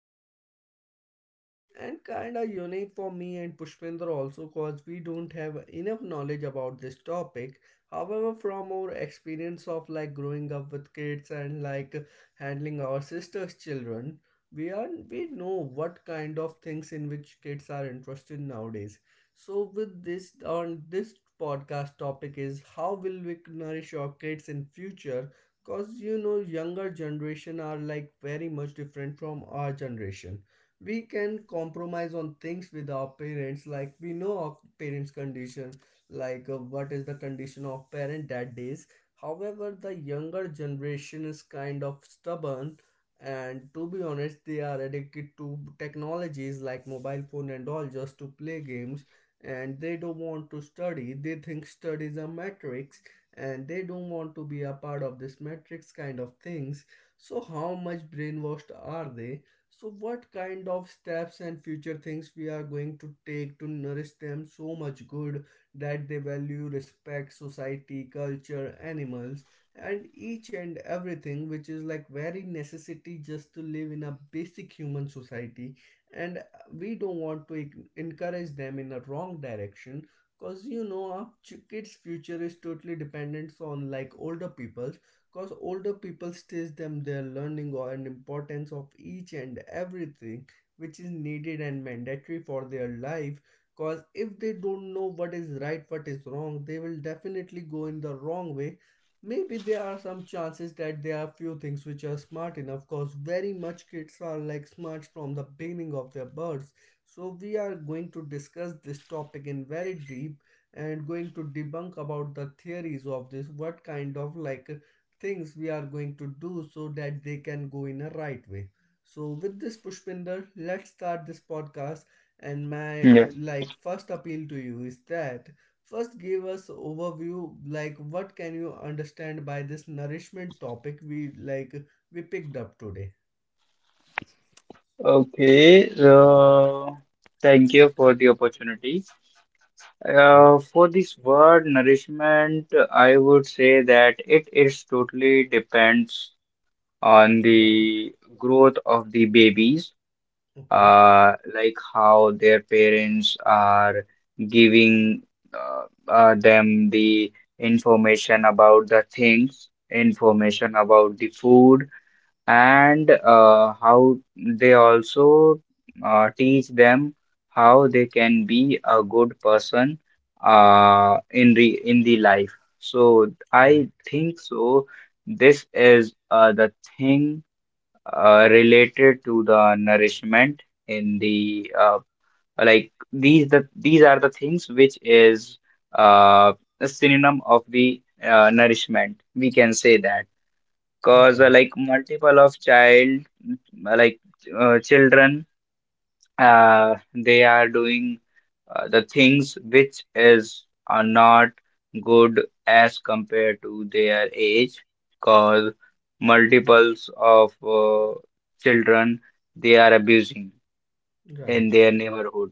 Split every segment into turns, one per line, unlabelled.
different from other and kind of unique for me and Pushpinder also because we don't have enough knowledge about this topic. However, from our experience of growing up with kids and handling our sisters' children, we are we know what kind of things in which kids are interested nowadays. So with this, on this podcast topic is how will we nourish our kids in future, cause you know younger generation are very much different from our generation. We can compromise on things with our parents, like we know our parents condition, like what is the condition of parent that days. However, the younger generation is kind of stubborn and to be honest they are addicted to technologies like mobile phone and all, just to play games, and they don't want to study. They think study is a matrix and they don't want to be a part of this matrix kind of things. So, how much brainwashed are they? So, what kind of steps and future things we are going to take to nourish them so much good that they value, respect, society, culture, animals, and each and everything, which is very necessity just to live in a basic human society. And we don't want to encourage them in a wrong direction, because you know our kids future is totally dependent on older people's, because older people teach them their learning and importance of each and everything which is needed and mandatory for their life, because if they don't know what is right what is wrong, they will definitely go in the wrong way. Maybe there are some chances that there are few things which are smart enough, cause very much kids are smart from the beginning of their births. So we are going to discuss this topic in very deep and going to debunk about the theories of this, what kind of things we are going to do so that they can go in a right way. So with this Pushpinder, let's start this podcast, and my
Yes.
first appeal to you is that first give us overview, what can you understand by this nourishment topic we like we picked up today.
Okay. Thank you for
Okay.
the opportunity.
Okay,
For this word nourishment, I would say that it is totally depends on
right.
the growth of the babies,
Okay,
like how their parents are giving them the information about the things, information about the food and how they also teach them how they can be a good person in the life. So I
right,
think so. This is the thing related to the nourishment in the like these are the things which is uh, a synonym of the nourishment. We can say that, cause
right,
like multiple of child, like children, they are doing the things which is are not good as compared to their age, cause multiples of uh, children, they are abusing
right,
in their neighborhood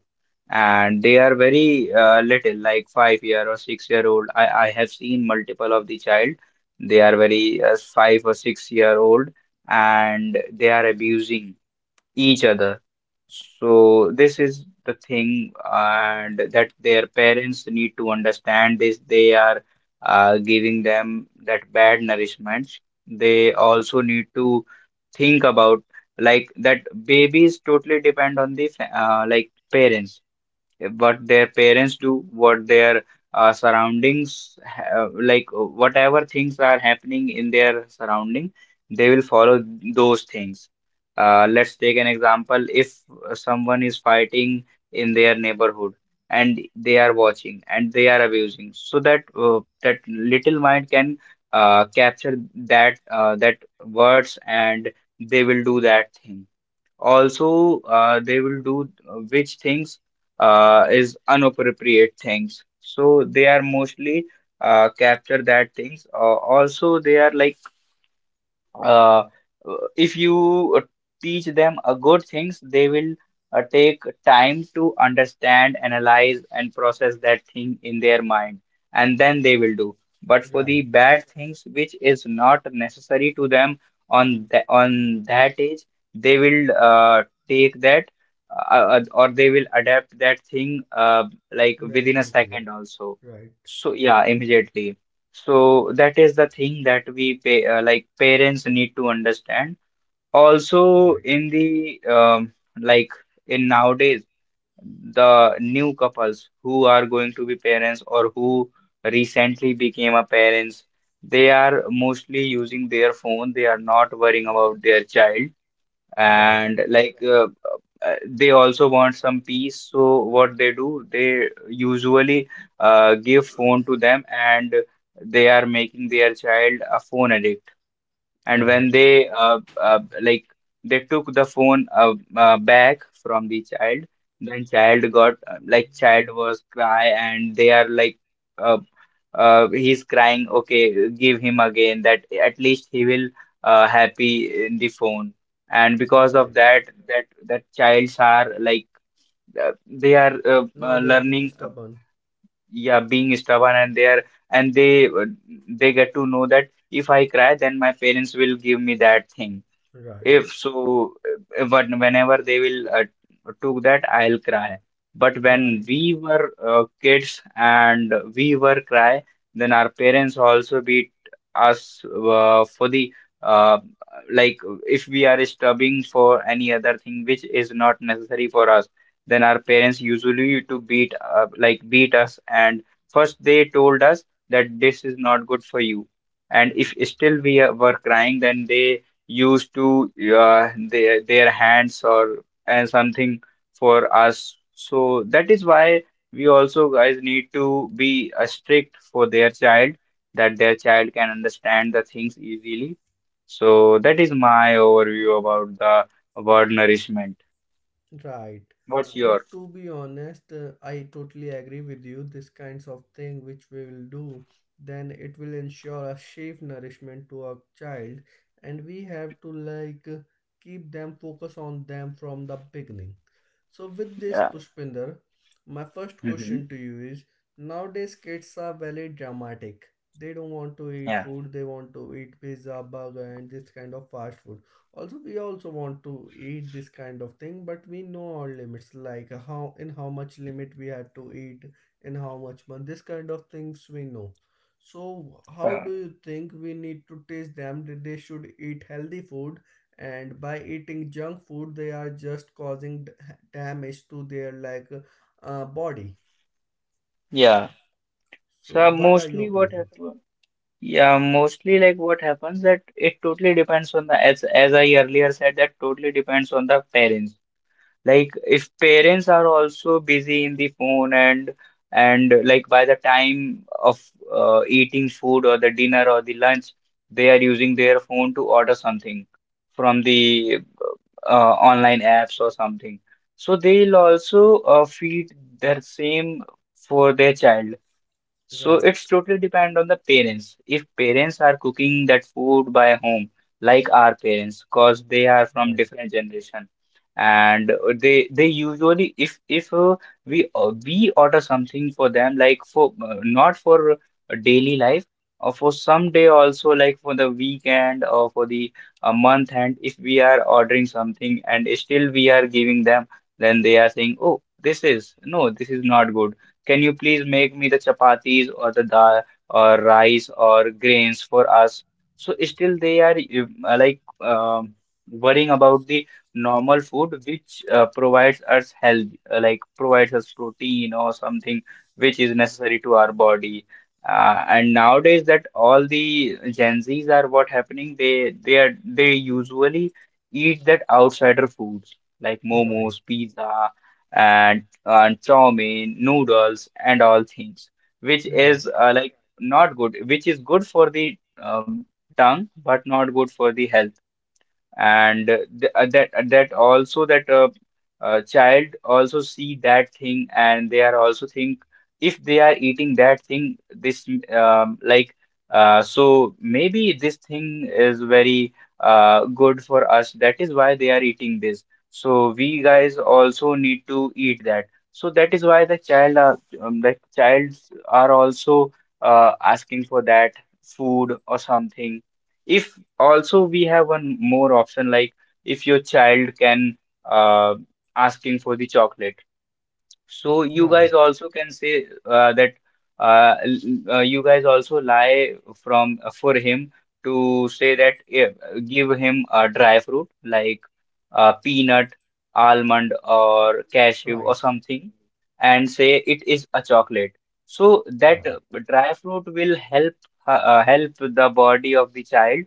and they are very little, like 5 year or 6 year old. I have seen multiple of the child, they are very 5 or 6 year old, and they are abusing each other. So this is the thing, and that their parents need to understand this. They are giving them that bad nourishment. They also need to think about, like, that babies totally depend on the like parents, what their parents do, what their surroundings, ha like whatever things are happening in their surrounding, they will follow those things. Let's take an example. If someone is fighting in their neighborhood and they are watching and they are abusing, so that that little mind can capture that words, and they will do that thing also. They will do which things is inappropriate things. So they are mostly capture that things. Also, they are like, uh, if you teach them a good things, they will take time to understand, analyze, and process that thing in their mind, and then they will do. But for the
right.
bad things, which is not necessary to them on that age, they will take that or they will adapt that thing like
Very
within a
quickly.
second also.
Right,
So yeah, immediately. So that is the thing that we pay, like parents need to understand. Also,
right,
in the like in nowadays, the new couples who are going to be parents or who recently became a parents, they are mostly using their phone. They are not worrying about their child,
right,
and like they also want some peace, so what they do, they usually give phone to them, and they are making their child a phone addict. And
right,
when they like they took the phone back from the child, then child got like child was cry, and they are like, uh, he's crying, okay, give him again that, at least he will happy in the phone. And because of that,
right.
that childs are like, they are
Now they are being
learning,
stubborn.
yeah, being stubborn, and they are, and they get to know that if I cry, then my parents will give me that thing.
Right,
If so, when whenever they will took that, I'll cry. But when
right.
we were kids and we were cry, then our parents also beat us for the uh, like if we are stubbing for any other thing which is not necessary for us, then our parents usually to beat like beat us. And first they told us that this is not good for you. And if still we were crying, then they used to their hands or and something for us. So that is why we also guys need to be strict for their child, that their child can understand the things easily. So that is my overview about the word nourishment.
Right.
What's
And
your?
to be honest, I totally agree with you. This kinds of thing which we will do, then it will ensure a safe nourishment to our child, and we have to keep them focus on them from the beginning. So with this
Yeah.
Pushpinder, my first
Hmm.
question to you is: nowadays kids are very dramatic. They don't want to eat
Yeah.
food. They want to eat pizza, burger, and this kind of fast food. Also we also want to eat this kind of thing, but we know our limits, like how in how much limit we had to eat, in how much month, this kind of things we know. So how
Uh,
do you think we need to teach them that they should eat healthy food, and by eating junk food they are just causing damage to their body?
yeah.
So
So
what are your
mostly what
opinion?
happened? Yeah, mostly like what happens, that it totally depends on the, as I earlier said, that totally depends on the parents. Like if parents are also busy in the phone, and like by the time of eating food or the dinner or the lunch, they are using their phone to order something from the online apps or something. So they'll also feed their same for their child. So
Right,
it's totally depend on the parents. If parents are cooking that food by home, like our parents, cause they are from
right,
different generation, and they usually, if we we order something for them, like for not for daily life, or for some day also, like for the weekend or for the month end. If we are ordering something and still we are giving them, then they are saying, "Oh, this is no, this is not good. Can you please make me the chapatis or the dal or rice or grains for us?" So still they are like worrying about the normal food which provides us health, like provides us protein or something which is necessary to our body. And nowadays that all the Gen Zs are what happening, they are, they usually eat that outsider foods like momos,
right,
pizza, and chow mein, noodles, and all things, which is
right,
like not good, which is good for the tongue, but not good for the health. And th that that also that child also see that thing, and they are also think, if they are eating that thing, this, um, like so maybe this thing is very good for us, that is why they are eating this, so we guys also need to eat that. So that is why the child are, the childs are also asking for that food or something. If also we have one more option, like if your child can uh, asking for the chocolate, so you guys
right,
also can say that you guys also lie from for him, to say that, give him a dry fruit like peanut, almond, or cashew or
right,
something, and say it is a chocolate. So that
right,
dry fruit will help help the body of the child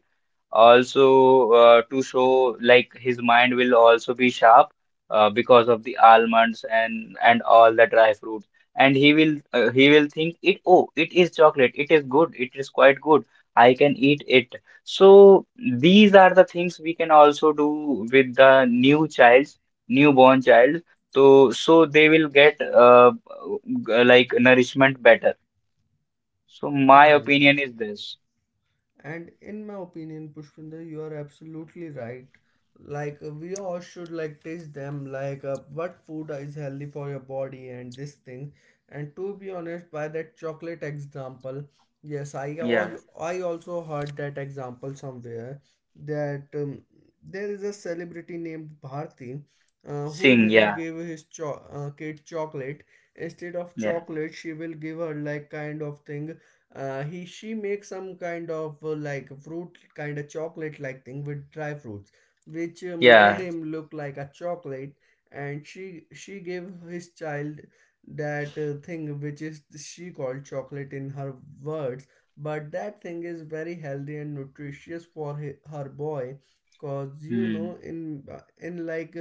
also, to show, like his mind will also be sharp because of the almonds and all the dry fruits, and he will think it, oh, it is chocolate, it is good, it is quite good, I can eat it. So these are the things we can also do with the new child's newborn child. So so they will get like nourishment better. So my
right.
opinion is this.
And in my opinion, Pushpinder, you are absolutely right. Like we all should taste them, like what food is healthy for your body and this thing. And to be honest, by that chocolate example, yes, I all
Yeah.
I also heard that example somewhere that there is a celebrity named Bharti. Who
Sing.
didn't
Yeah.
give his kid chocolate. Instead of
Yeah.
chocolate she will give her kind of thing, he she makes some kind of fruit kind of chocolate thing with dry fruits which made
Yeah.
him look like a chocolate, and she gave his child that thing which is she called chocolate in her words, but that thing is very healthy and nutritious for her boy. Cause you
Hmm.
know in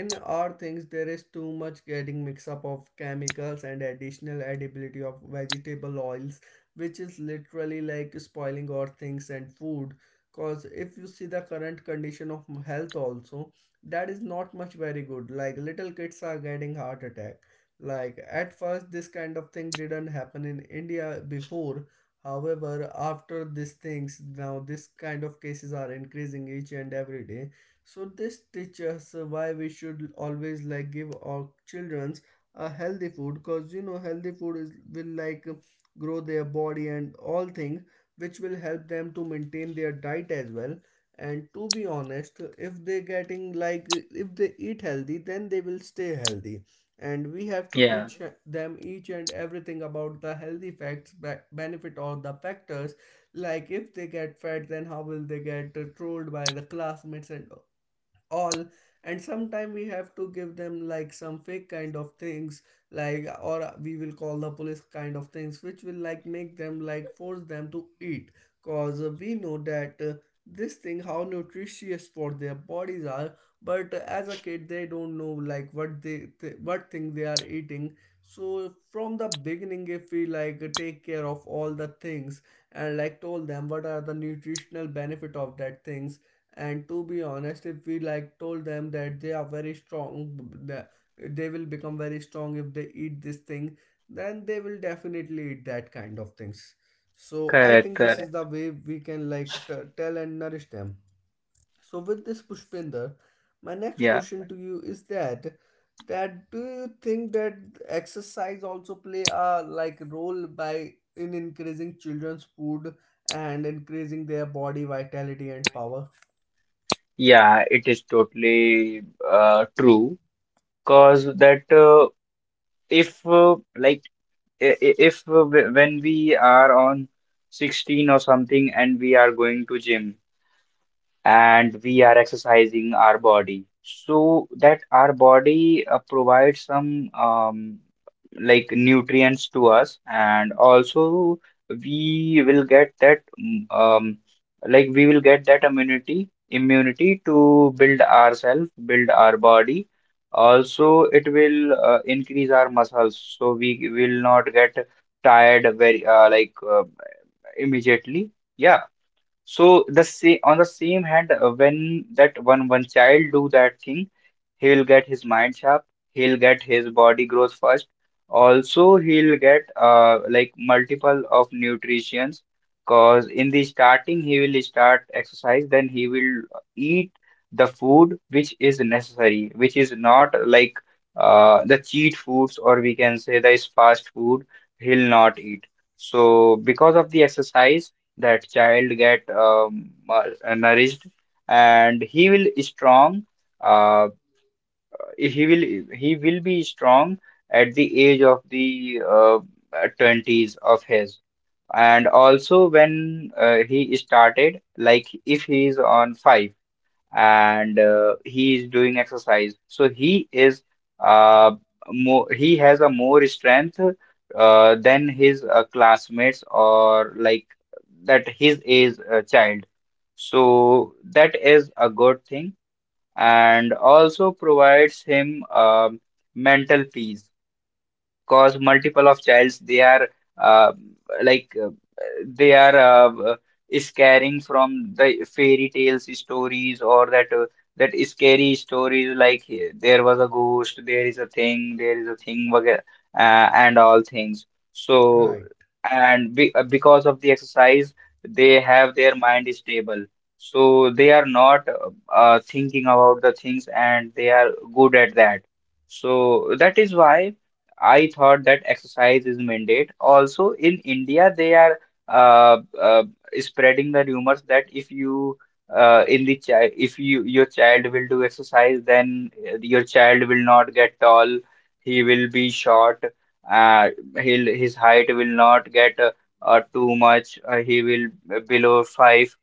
in our things there is too much getting mix up of chemicals and additional edibility of vegetable oils, which is literally spoiling our things and food. Because if you see the current condition of health also, that is not much very good. Like little kids are getting heart attack, like at first this kind of thing didn't happen in India before, however after these things now this kind of cases are increasing each and every day. So this teaches why we should always give our children's a healthy food, because you know healthy food is will grow their body and all things, which will help them to maintain their diet as well. And to be honest, if they getting like if they eat healthy then they will stay healthy, and we have to
Yeah,
teach them each and everything about the healthy facts, benefit or the factors, like if they get fat then how will they get trolled by the classmates and all. And sometime we have to give them some fake kind of things, like or we will call the police kind of things, which will make them like force them to eat. Cause we know that this thing how nutritious for their bodies are, but as a kid they don't know what they what thing they are eating. So from the beginning if we take care of all the things and told them what are the nutritional benefit of that things, and to be honest if we told them that they are very strong, the- they will become very strong if they eat this thing, then they will definitely eat that kind of things. So I
correct,
think this is the
correct.
way we can tell and nourish them. So with this Pushpinder, my next
Yeah,
question to you is that, that do you think that exercise also play a role by in increasing children's food and increasing their body vitality and power?
yeah, it is totally true. Cause that if when we are on 16 or something and we are going to gym, and we are exercising our body, so that our body provides some like nutrients to us, and also we will get that, like we will get that immunity, immunity to build ourselves, build our body. Also it will increase our muscles, so we will not get tired very immediately, yeah. So the same, on the same hand, when that one child do that thing, he will get his mind sharp. He'll get his body growth first. Also, he'll get like multiple of nutritions. Cause in the starting, he will start exercise. Then he will eat the food which is necessary, which is not like the cheat foods, or we can say that is fast food. He'll not eat. So because of the exercise, that child get nourished, and he will strong, uh, he will, he will be strong at the age of the 20s of his. And also when he started, like if he is on 5 and he is doing exercise, so he is uh, more, he has a more strength than his classmates or like that his age child. So that is a good thing, and also provides him mental peace. Cause multiple of childs, they are uh, like they are scaring from the fairy tales stories or that that scary stories, like there was a ghost, there is a thing, there is a thing and all things. So
Right.
and because of the exercise, they have their mind stable, so they are not thinking about the things, and they are good at that. So that is why I thought that exercise is mandate. Also, in India, they are uh, uh, spreading the rumors that if you in the child, if your child will do exercise, then your child will not get tall. He will be short. Uh, his height will not get too much. He will below five.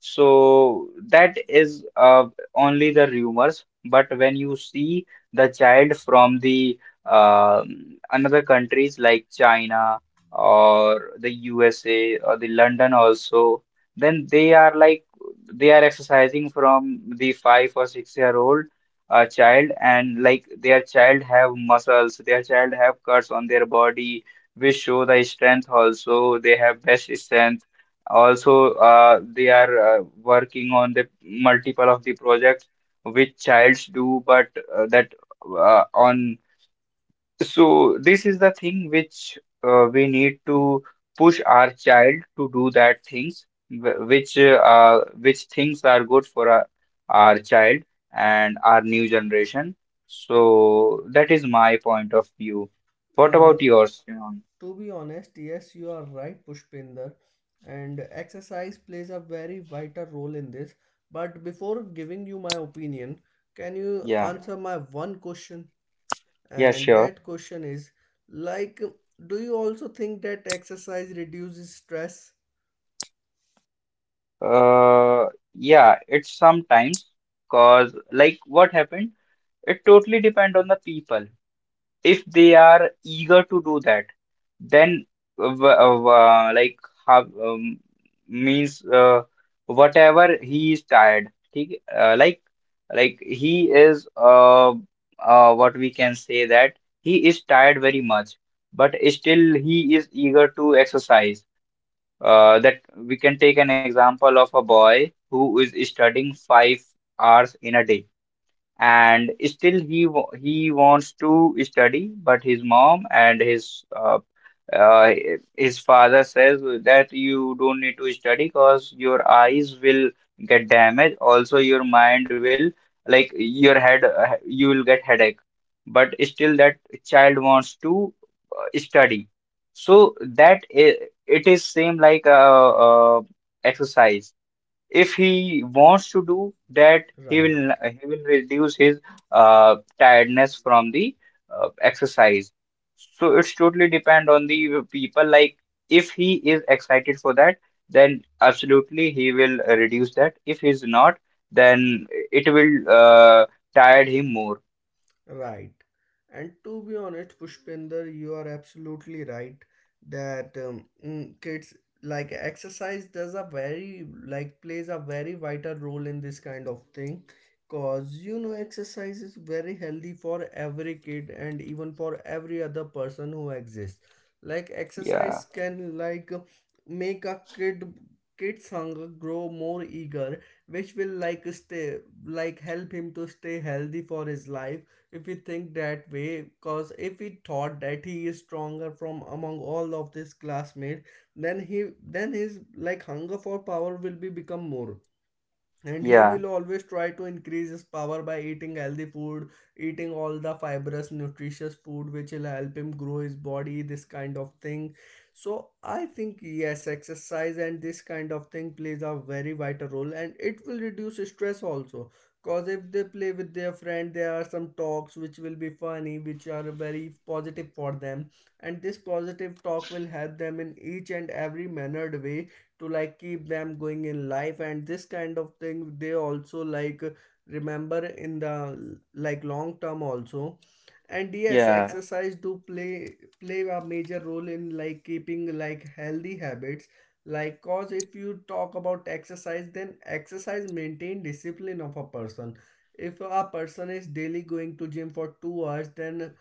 So that is only the rumors, but when you see the child from the another countries like China or the USA or the London also, then they are exercising from the 5 or 6 year old child, and like their child have muscles, their child have cuts on their body, which show the strength also. They have best strength also. They are working on the multiple of the projects which childs do, but that on. So this is the thing which we need to push our child to do that things, which things are good for our child and our new generation. So that is my point of view. What
Uh,
about yours, Shivam?
to be honest, yes, you are right, Pushpinder, and exercise plays a very vital role in this. But before giving you my opinion, can you
Yeah,
answer my one question?
yeah,
And
sure.
that question is like, do you also think that exercise reduces stress?
Uh, yeah, it's sometimes cause like what happened, it totally depend on the people. If they are eager to do that, then like how means whatever he is tired, ठीक है? Like he is what we can say that he is tired very much, but still he is eager to exercise. That we can take an example of a boy who is studying 5 hours in a day, and still he wants to study, but his mom and uh, his father says that you don't need to study, because your eyes will get damaged, also your mind will, like your head, you will get headache, but still that child wants to study. So that it is same like exercise. If he wants to do that,
Right.
he will reduce his tiredness from the exercise. So it's totally depend on the people. Like if he is excited for that, then absolutely he will reduce that. If he's not, then it will tire him more.
Right. And to be honest, Pushpinder, you are absolutely right that kids like exercise does a very like plays a very vital role in this kind of thing, because you know exercise is very healthy for every kid and even for every other person who exists. Like
Yeah,
exercise can make a kid kid's hunger grow more eager, which will stay like help him to stay healthy for his life, if we think that way. Because if we thought that he is stronger from among all of this classmate, then he then his hunger for power will be become more, and he
yeah,
will always try to increase his power by eating healthy food, eating all the fibrous nutritious food which will help him grow his body, this kind of thing. So I think yes, exercise and this kind of thing plays a very vital role, and it will reduce stress also, because if they play with their friend there are some talks which will be funny, which are very positive for them, and this positive talk will help them in each and every mannered way to keep them going in life, and this kind of thing they also remember in the long term also. And yes,
yeah,
exercise do play a major role in keeping like healthy habits. Like cause if you talk about exercise, then exercise maintain discipline of a person. If a person is daily going to gym for 2 hours, then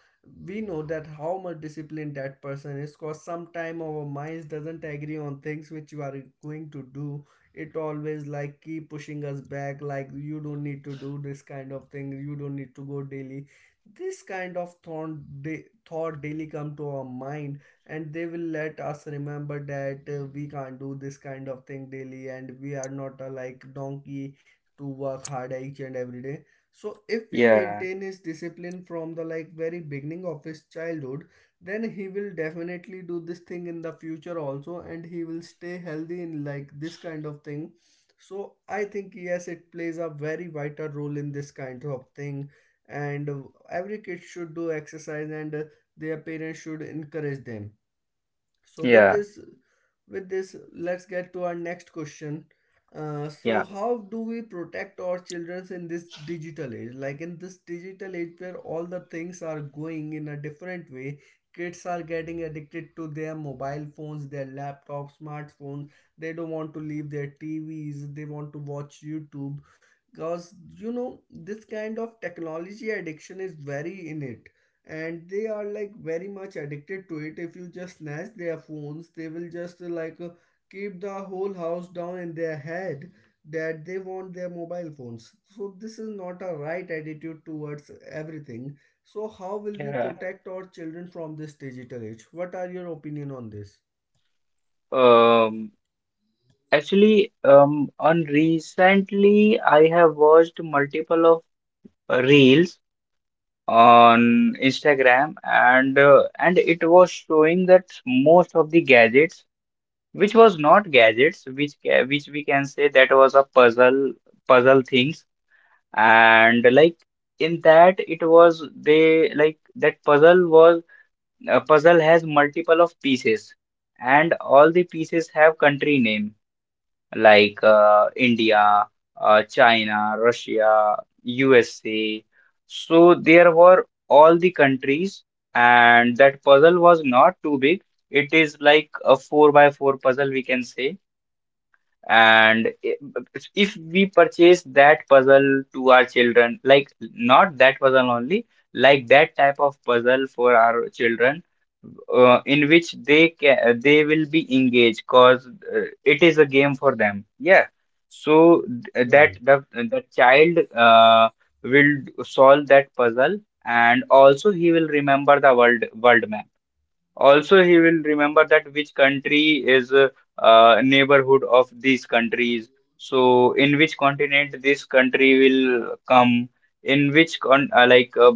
we know that how much disciplined that person is, because sometime our minds doesn't agree on things which you are going to do. It always keep pushing us back, like you don't need to do this kind of thing, you don't need to go daily, this kind of thought, thought daily come to our mind, and they will let us remember that we can't do this kind of thing daily, and we are not a donkey to work hard each and every day. So if we
yeah,
maintain his discipline from the very beginning of his childhood, then he will definitely do this thing in the future also, and he will stay healthy in this kind of thing. So I think yes, it plays a very vital role in this kind of thing, and every kid should do exercise, and their parents should encourage them. So with
yeah,
this, let's get to our next question. So
yeah,
how do we protect our children in this digital age? Like in this digital age where all the things are going in a different way, kids are getting addicted to their mobile phones, their laptops, smartphones. They don't want to leave their TVs, they want to watch YouTube, because you know this kind of technology addiction is very innate and they are like very much addicted to it. If you just snatch their phones, they will just keep the whole house down in their head that they want their mobile phones. So this is not a right attitude towards everything. So how will we
yeah.
protect our children from this digital age? What are your opinion on this?
um Actually, on recently, I have watched multiple of reels on Instagram, and it was showing that most of the gadgets, which was not gadgets, which ca which we can say that was a puzzle things, and like in that it was, they like that puzzle was a puzzle has multiple of pieces, and all the pieces have country name. Like India, China, Russia, USA. So there were all the countries, and that puzzle was not too big. It is like a 4 by 4 puzzle, we can say, and if we purchase that puzzle to our children, like not that puzzle only, like that type of puzzle for our children, in which they will be engaged, because it is a game for them. Yeah. So th- that
Right,
the child will solve that puzzle, and also he will remember the world map also. He will remember that which country is a neighborhood of these countries. So in which continent this country will come? In which con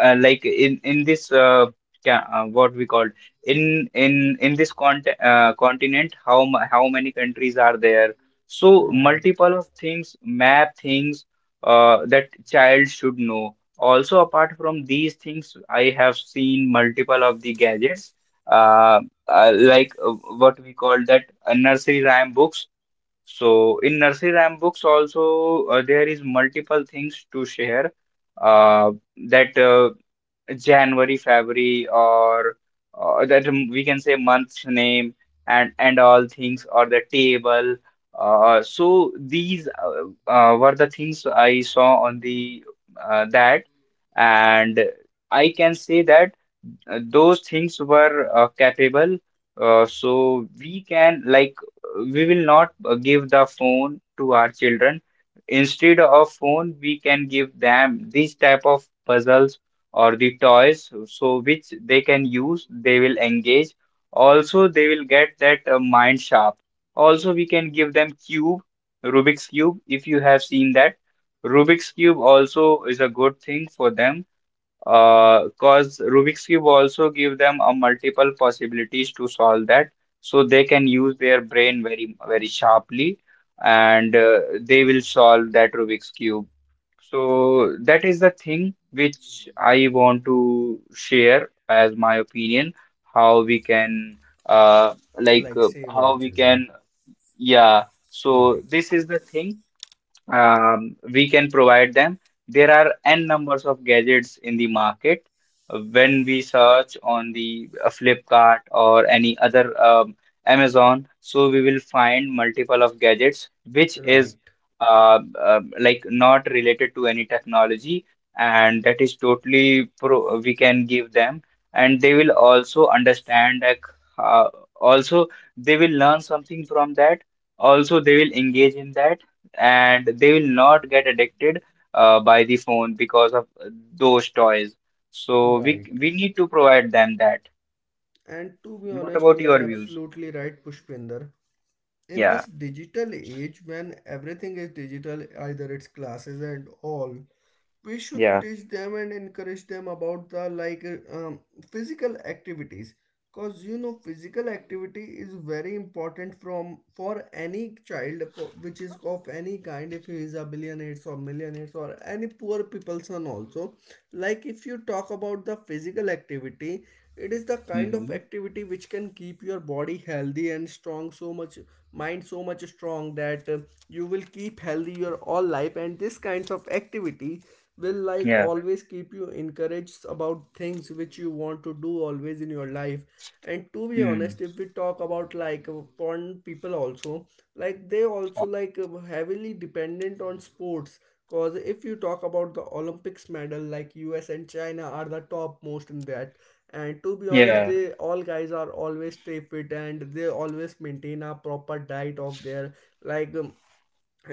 like in this, what we called, in this continent, how many countries are there? So,
right,
multiple of things, map things, that child should know. Also, apart from these things, I have seen multiple of the gadgets, uh, uh, like uh, what we call that, nursery rhyme books. So in nursery rhyme books also, there is multiple things to share, uh, that January, February, or that, we can say, month's name, and all things, or the table. So these were the things I saw on the, that, and I can say that those things were capable. So we can, we will not give the phone to our children. Instead of phone, we can give them these type of puzzles or the toys, so which they can use, they will engage, also they will get that mind sharp. Also we can give them cube Rubik's Cube. If you have seen that, Rubik's Cube also is a good thing for them, cause Rubik's Cube also give them a multiple possibilities to solve that, so they can use their brain very, very sharply, and they will solve that Rubik's Cube. So that is the thing which I want to share as my opinion, how we can, uh,
like save our
how we
children.
can. Yeah. So
Right,
this is the thing, we can provide them. There are n numbers of gadgets in the market. When we search on the Flipkart or any other Amazon, so we will find multiple of gadgets, which is
right,
not related to any technology, and that is totally pro we can give them, and they will also understand, uh, also they will learn something from that. Also, they will engage in that, and they will not get addicted by the phone because of those toys. So
right.
we need to provide them that.
And to be
What
honest,
about
you are
your views?
absolutely right, Pushpinder. In
Yeah,
this digital age when everything is digital, either it's classes and all, we should
yeah,
teach them and encourage them about the physical activities, because you know physical activity is very important from for any child for, which is of any kind. If he is a billionaires or millionaires or any poor people son also, like if you talk about the physical activity, it is the kind of
hmm,
activity which can keep your body healthy and strong, so much mind so much strong that you will keep healthy your all life. And this kinds of activity will like
yeah,
always keep you encouraged about things which you want to do always in your life. And to be
mm,
honest, if we talk about porn people also, like they also heavily dependent on sports, cause if you talk about the Olympics medal, like US and China are the top most in that. And to be honest,
yeah,
they all guys are always stay fit and they always maintain a proper diet of their like um,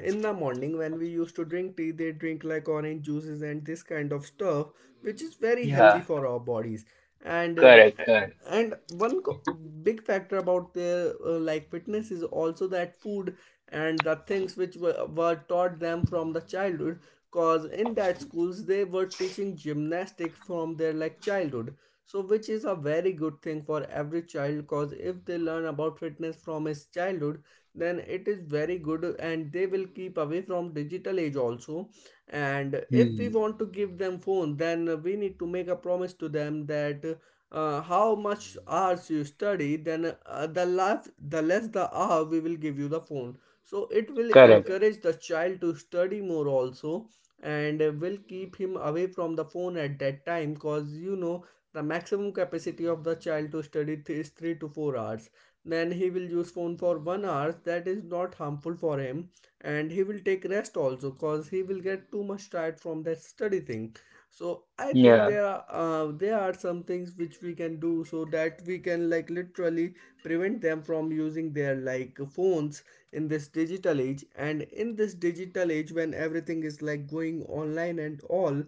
in the morning. When we used to drink tea, they drink like orange juices and this kind of stuff, which is very
yeah.
healthy for our bodies. And um,
Correct, correct.
and one co- big factor about their like fitness is also that food and the things which were taught them from the childhood, cause in that schools they were teaching gymnastics from their like childhood, so which is a very good thing for every child. Cause if they learn about fitness from his childhood, then it is very good and they will keep away from digital age also. And if we
Mm,
want to give them phone, then we need to make a promise to them that how much hours you study, then the less the less the hour we will give you the phone. So it will
correct.
encourage the child to study more also and will keep him away from the phone at that time. Because you know the maximum capacity of the child to study is 3 to 4 hours, then he will use phone for 1 hour, that is not harmful for him, and he will take rest also, cause he will get too much tired from that study thing. So I think
Yeah,
there are there are some things which we can do so that we can like literally prevent them from using their like phones in this digital age. And in this digital age, when everything is like going online and all,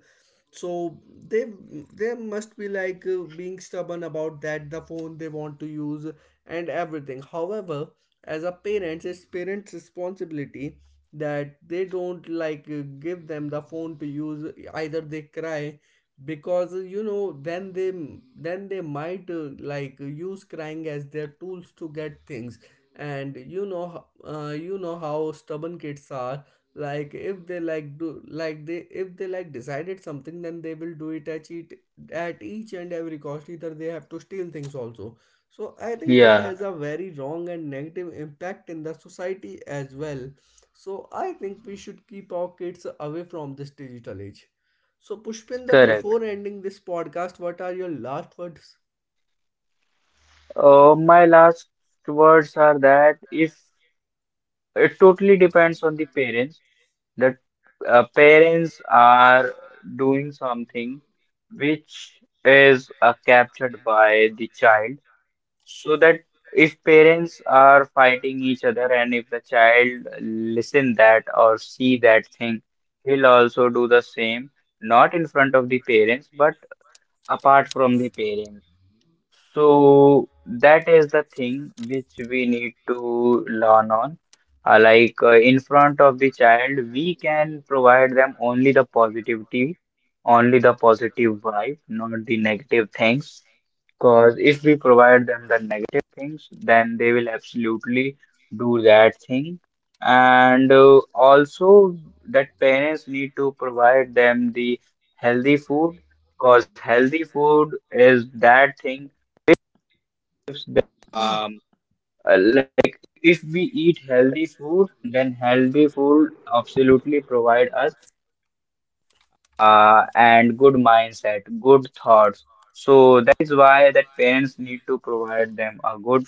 so they they must be being stubborn about that the phone they want to use and everything. However, as a parents, it's parents responsibility that they don't give them the phone to use, either they cry, because you know, then they might like use crying as their tools to get things. And you know, you know how stubborn kids are, like if they like do like they if they like decided something, then they will do it at at each and every cost, either they have to steal things also. So I think it
yeah,
has a very wrong and negative impact in the society as well. So I think we should keep our kids away from this digital age. So Pushpinda,
correct.
before ending this podcast, what are your last words?
My last words are that, if it totally depends on the parents that parents are doing something which is captured by the child, so that if parents are fighting each other, and if the child listen that or see that thing, he'll also do the same, not in front of the parents but apart from the parents. So that is the thing which we need to learn on. In front of the child, we can provide them only the positivity, only the positive vibe, not the negative things. Because if we provide them the negative things, then they will absolutely do that thing. And also that parents need to provide them the healthy food, because healthy food is that thing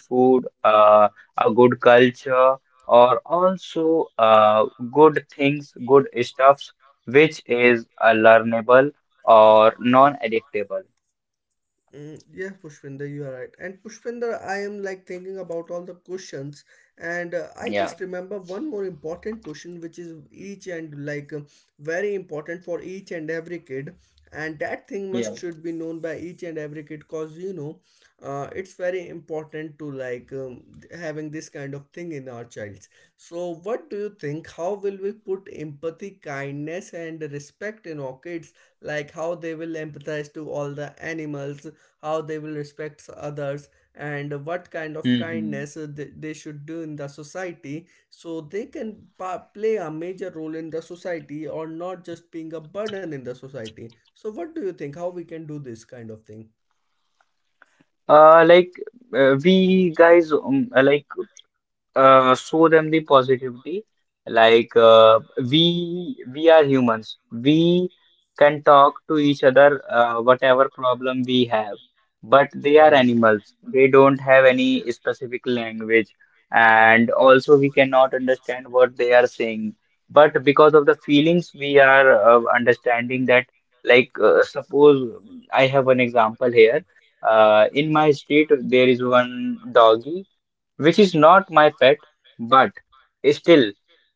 food, a good culture, or also good things, good stuffs, which is learnable or non-addictable.
Mm, yeah, Pushpinder, you are right. And Pushpinder, I am like thinking about all the questions, and I just
Yeah.
remember one more important question, which is each and very important for each and every kid, and that thing must
Yeah.
should be known by each and every kid. Cause you know, it's very important to having this kind of thing in our childs. So what do you think? How will we put empathy, kindness, and respect in our kids? Like how they will empathize to all the animals, how they will respect others, and what kind of kindness they should do in the society, so they can play a major role in the society or not just being a burden in the society. So what do you think, how we can do this kind of thing?
Uh, like we guys, show them the positivity. Like uh, we are humans. We can talk to each other whatever problem we have. But they are
Right,
animals. They don't have any specific language, and also we cannot understand what they are saying. But because of the feelings, we are understanding that. Suppose I have an example here. In my street, there is one doggy which is not my pet, but still,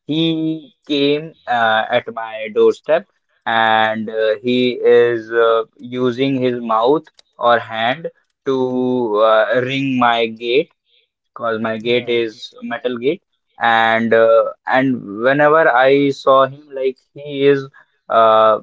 he came at my doorstep, and he is using his mouth or hand to ring my gate, because my gate
right,
is metal gate, and and whenever I saw him, like he is uh,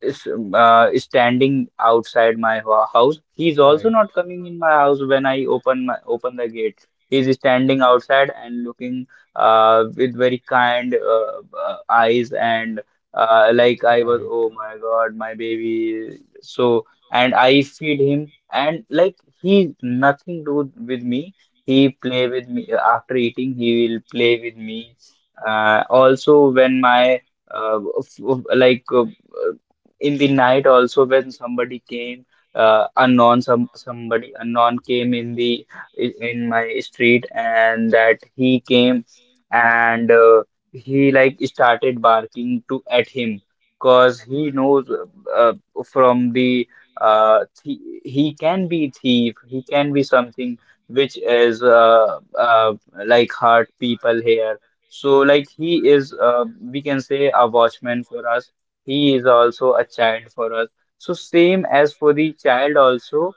is standing outside my house. He's also
right,
not coming in my house. When I open the gate, he's standing outside and looking with very kind eyes, and like I was,
right,
oh my God, my baby. So and I feed him, and like he nothing do with me. He play with me after eating. He will play with me. Also, when my uh, f- f- like uh, in the night, also when somebody unknown came in the in my street, and that he came and he like started barking to at him, cause he knows, uh, from the, th he can be thief. He can be something which is hurt people here. So like he is, we can say, a watchman for us. He is also a child for us. So same as for the child also,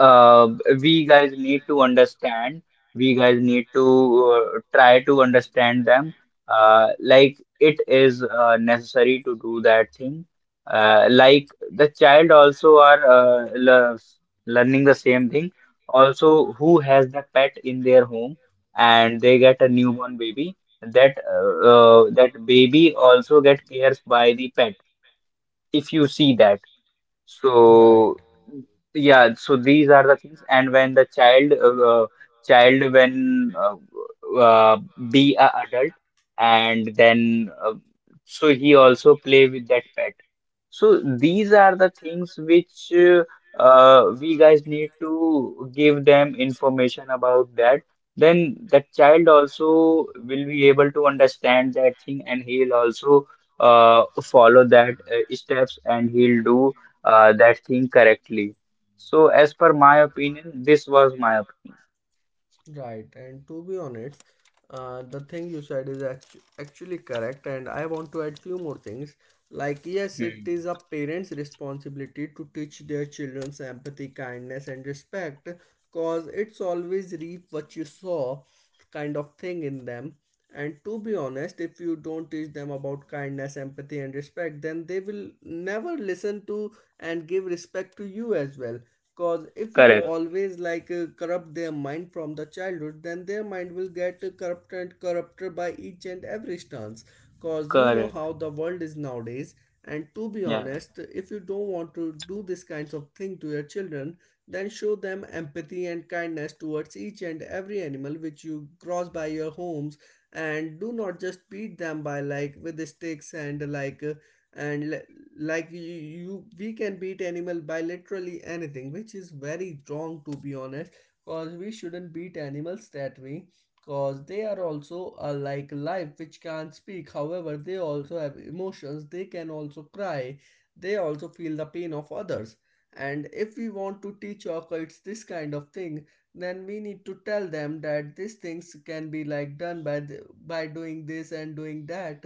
uh, we guys need to understand. We guys need to try to understand them. It is necessary to do that thing. The child also are learning the same thing. Also, who has the pet in their home and they get a newborn baby, that baby also get cares by the pet, if you see that.
right.
So yeah, so these are the things. And when the child, when uh, be a adult, and then, so he also play with that pet. So these are the things which we guys need to give them information about that. Then that child also will be able to understand that thing, and he'll also follow that steps, and he'll do that thing correctly. So, as per my opinion, this was my opinion.
Right, and to be honest, the thing you said is actually correct, and I want to add few more things. Like, yes, it
Hmm.
is a parent's responsibility to teach their children's empathy, kindness, and respect, cause it's always reap what you sow, kind of thing in them. And to be honest, if you don't teach them about kindness, empathy, and respect, then they will never listen to and give respect to you as well. Because if you
Correct,
always corrupt their mind from the childhood, then their mind will get corrupted and corrupted by each and every stance. Because you know
correct.
how the world is nowadays. And to be
Yeah,
honest, if you don't want to do this kinds of thing to your children, then show them empathy and kindness towards each and every animal which you cross by your homes, and do not just beat them by like with the sticks and and li- like you we can beat animal by literally anything, which is very wrong, to be honest. Cause we shouldn't beat animals that way, cause they are also like life which can't speak, however they also have emotions, they can also cry, they also feel the pain of others. And if we want to teach our kids this kind of thing, then we need to tell them that these things can be like done by by doing this and doing that.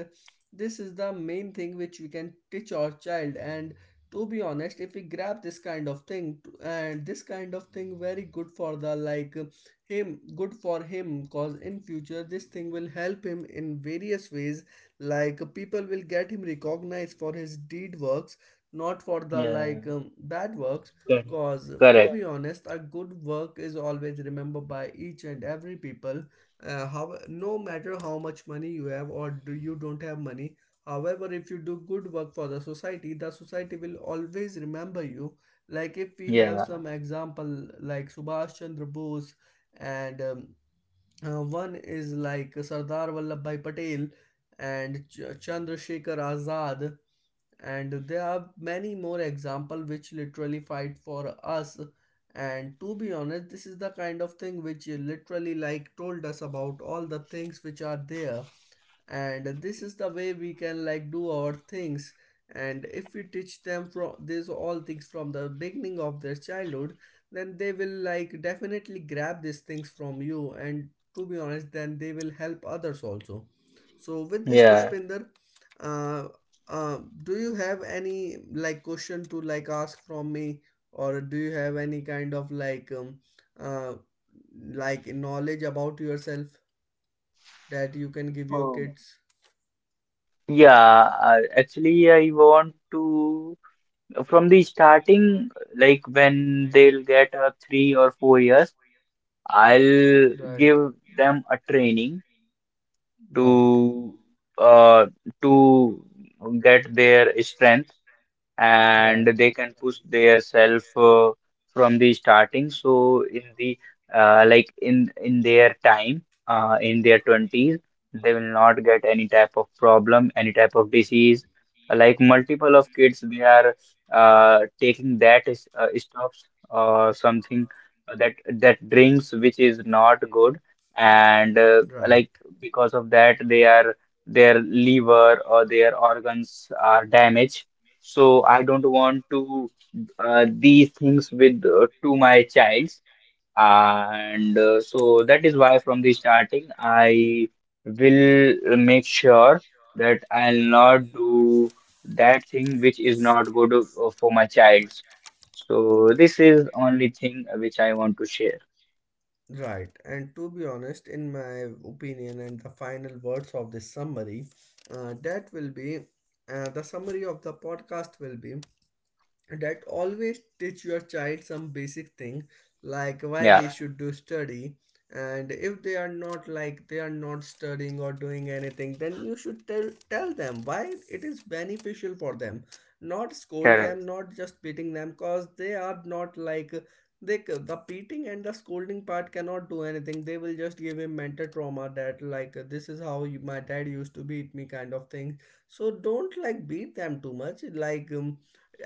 This is the main thing which we can teach our child. And to be honest, if we grab this kind of thing and this kind of thing very good for the like him, good for him, cause in future this thing will help him in various ways, like people will get him recognized for his deed works, not for the
yeah,
bad works.
correct,
Cause to
correct.
be honest, a good work is always remembered by each and every people. How no matter how much money you have or do you don't have money. However, if you do good work for the society will always remember you. Like if we have
Yeah,
some example like Subhash Chandra Bose, and one is like Sardar Vallabhbhai Patel and Chandrasekhar Azad, and there are many more examples which literally fight for us. And to be honest, this is the kind of thing which literally like told us about all the things which are there, and this is the way we can like do our things. And if we teach them from these all things from the beginning of their childhood, then they will like definitely grab these things from you. And to be honest, then they will help others also. So with this,
yeah.
Pushpinder, uh, uh, do you have any like question to like ask from me, or do you have any kind of uh, like knowledge about yourself that you can give your
Um,
kids?
Yeah, actually, I want to from the starting, like when they'll get 3 or 4 years, I'll
Right,
give them a training
right,
to uh to get their strength, and
right.
they can push their self from the starting. So in the, in their time, in their 20s they will not get any type of problem, any type of disease, like multiple of kids, they are taking that is stops or something, that drinks which is not good, and like
Right,
because of that, they are their liver or their organs are damaged. So I don't want to these things with, to my child, and so that is why from the starting I will make sure that I'll not do that thing which is not good for my child. So this is only thing which I want to share.
right. And to be honest, in my opinion, and the final words of this summary, that will be the summary of the podcast will be that always teach your child some basic thing, like why
Yeah.
they should do study. And if they are not like they are not studying or doing anything, then you should tell them why it is beneficial for them, not scold
Correct,
them, not just beating them, cause they are not like they the beating and the scolding part cannot do anything, they will just give him mental trauma that like this is how you, my dad used to beat me, kind of thing. So don't like beat them too much,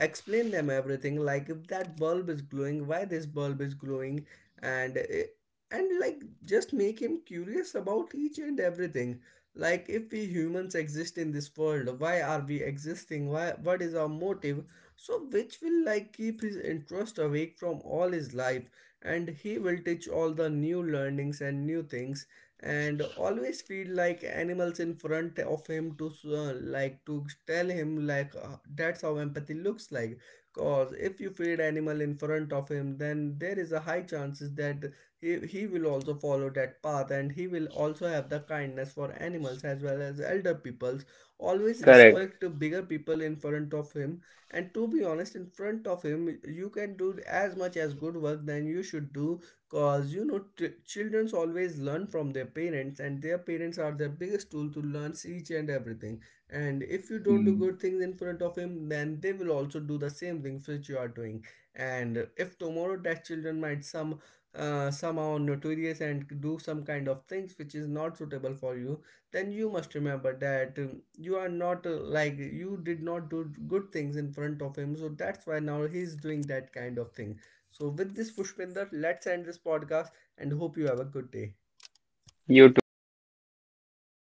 explain them everything, like if that bulb is glowing, why this bulb is glowing, and like just make him curious about each and everything, like if we humans exist in this world, why are we existing, why, what is our motive, so which will like keep his interest awake from all his life, and he will teach all the new learnings and new things, and always feel like animals in front of him to like to tell him that's how empathy looks like. Cause if you feed animal in front of him, then there is a high chances that he will also follow that path, and he will also have the kindness for animals as well, as elder peoples, always
correct.
respect the bigger people in front of him. And to be honest, in front of him you can do as much as good work than you should do. Cause you know, children always learn from their parents, and their parents are their biggest tool to learn each and everything. And if you don't do
Mm.
good things in front of him, then they will also do the same things which you are doing. And if tomorrow that children might some somehow notorious and do some kind of things which is not suitable for you, then you must remember that you are not like you did not do good things in front of him, so that's why now he is doing that kind of thing. So with this, Pushpinder, let's end this podcast, and hope you have a good day.
You too.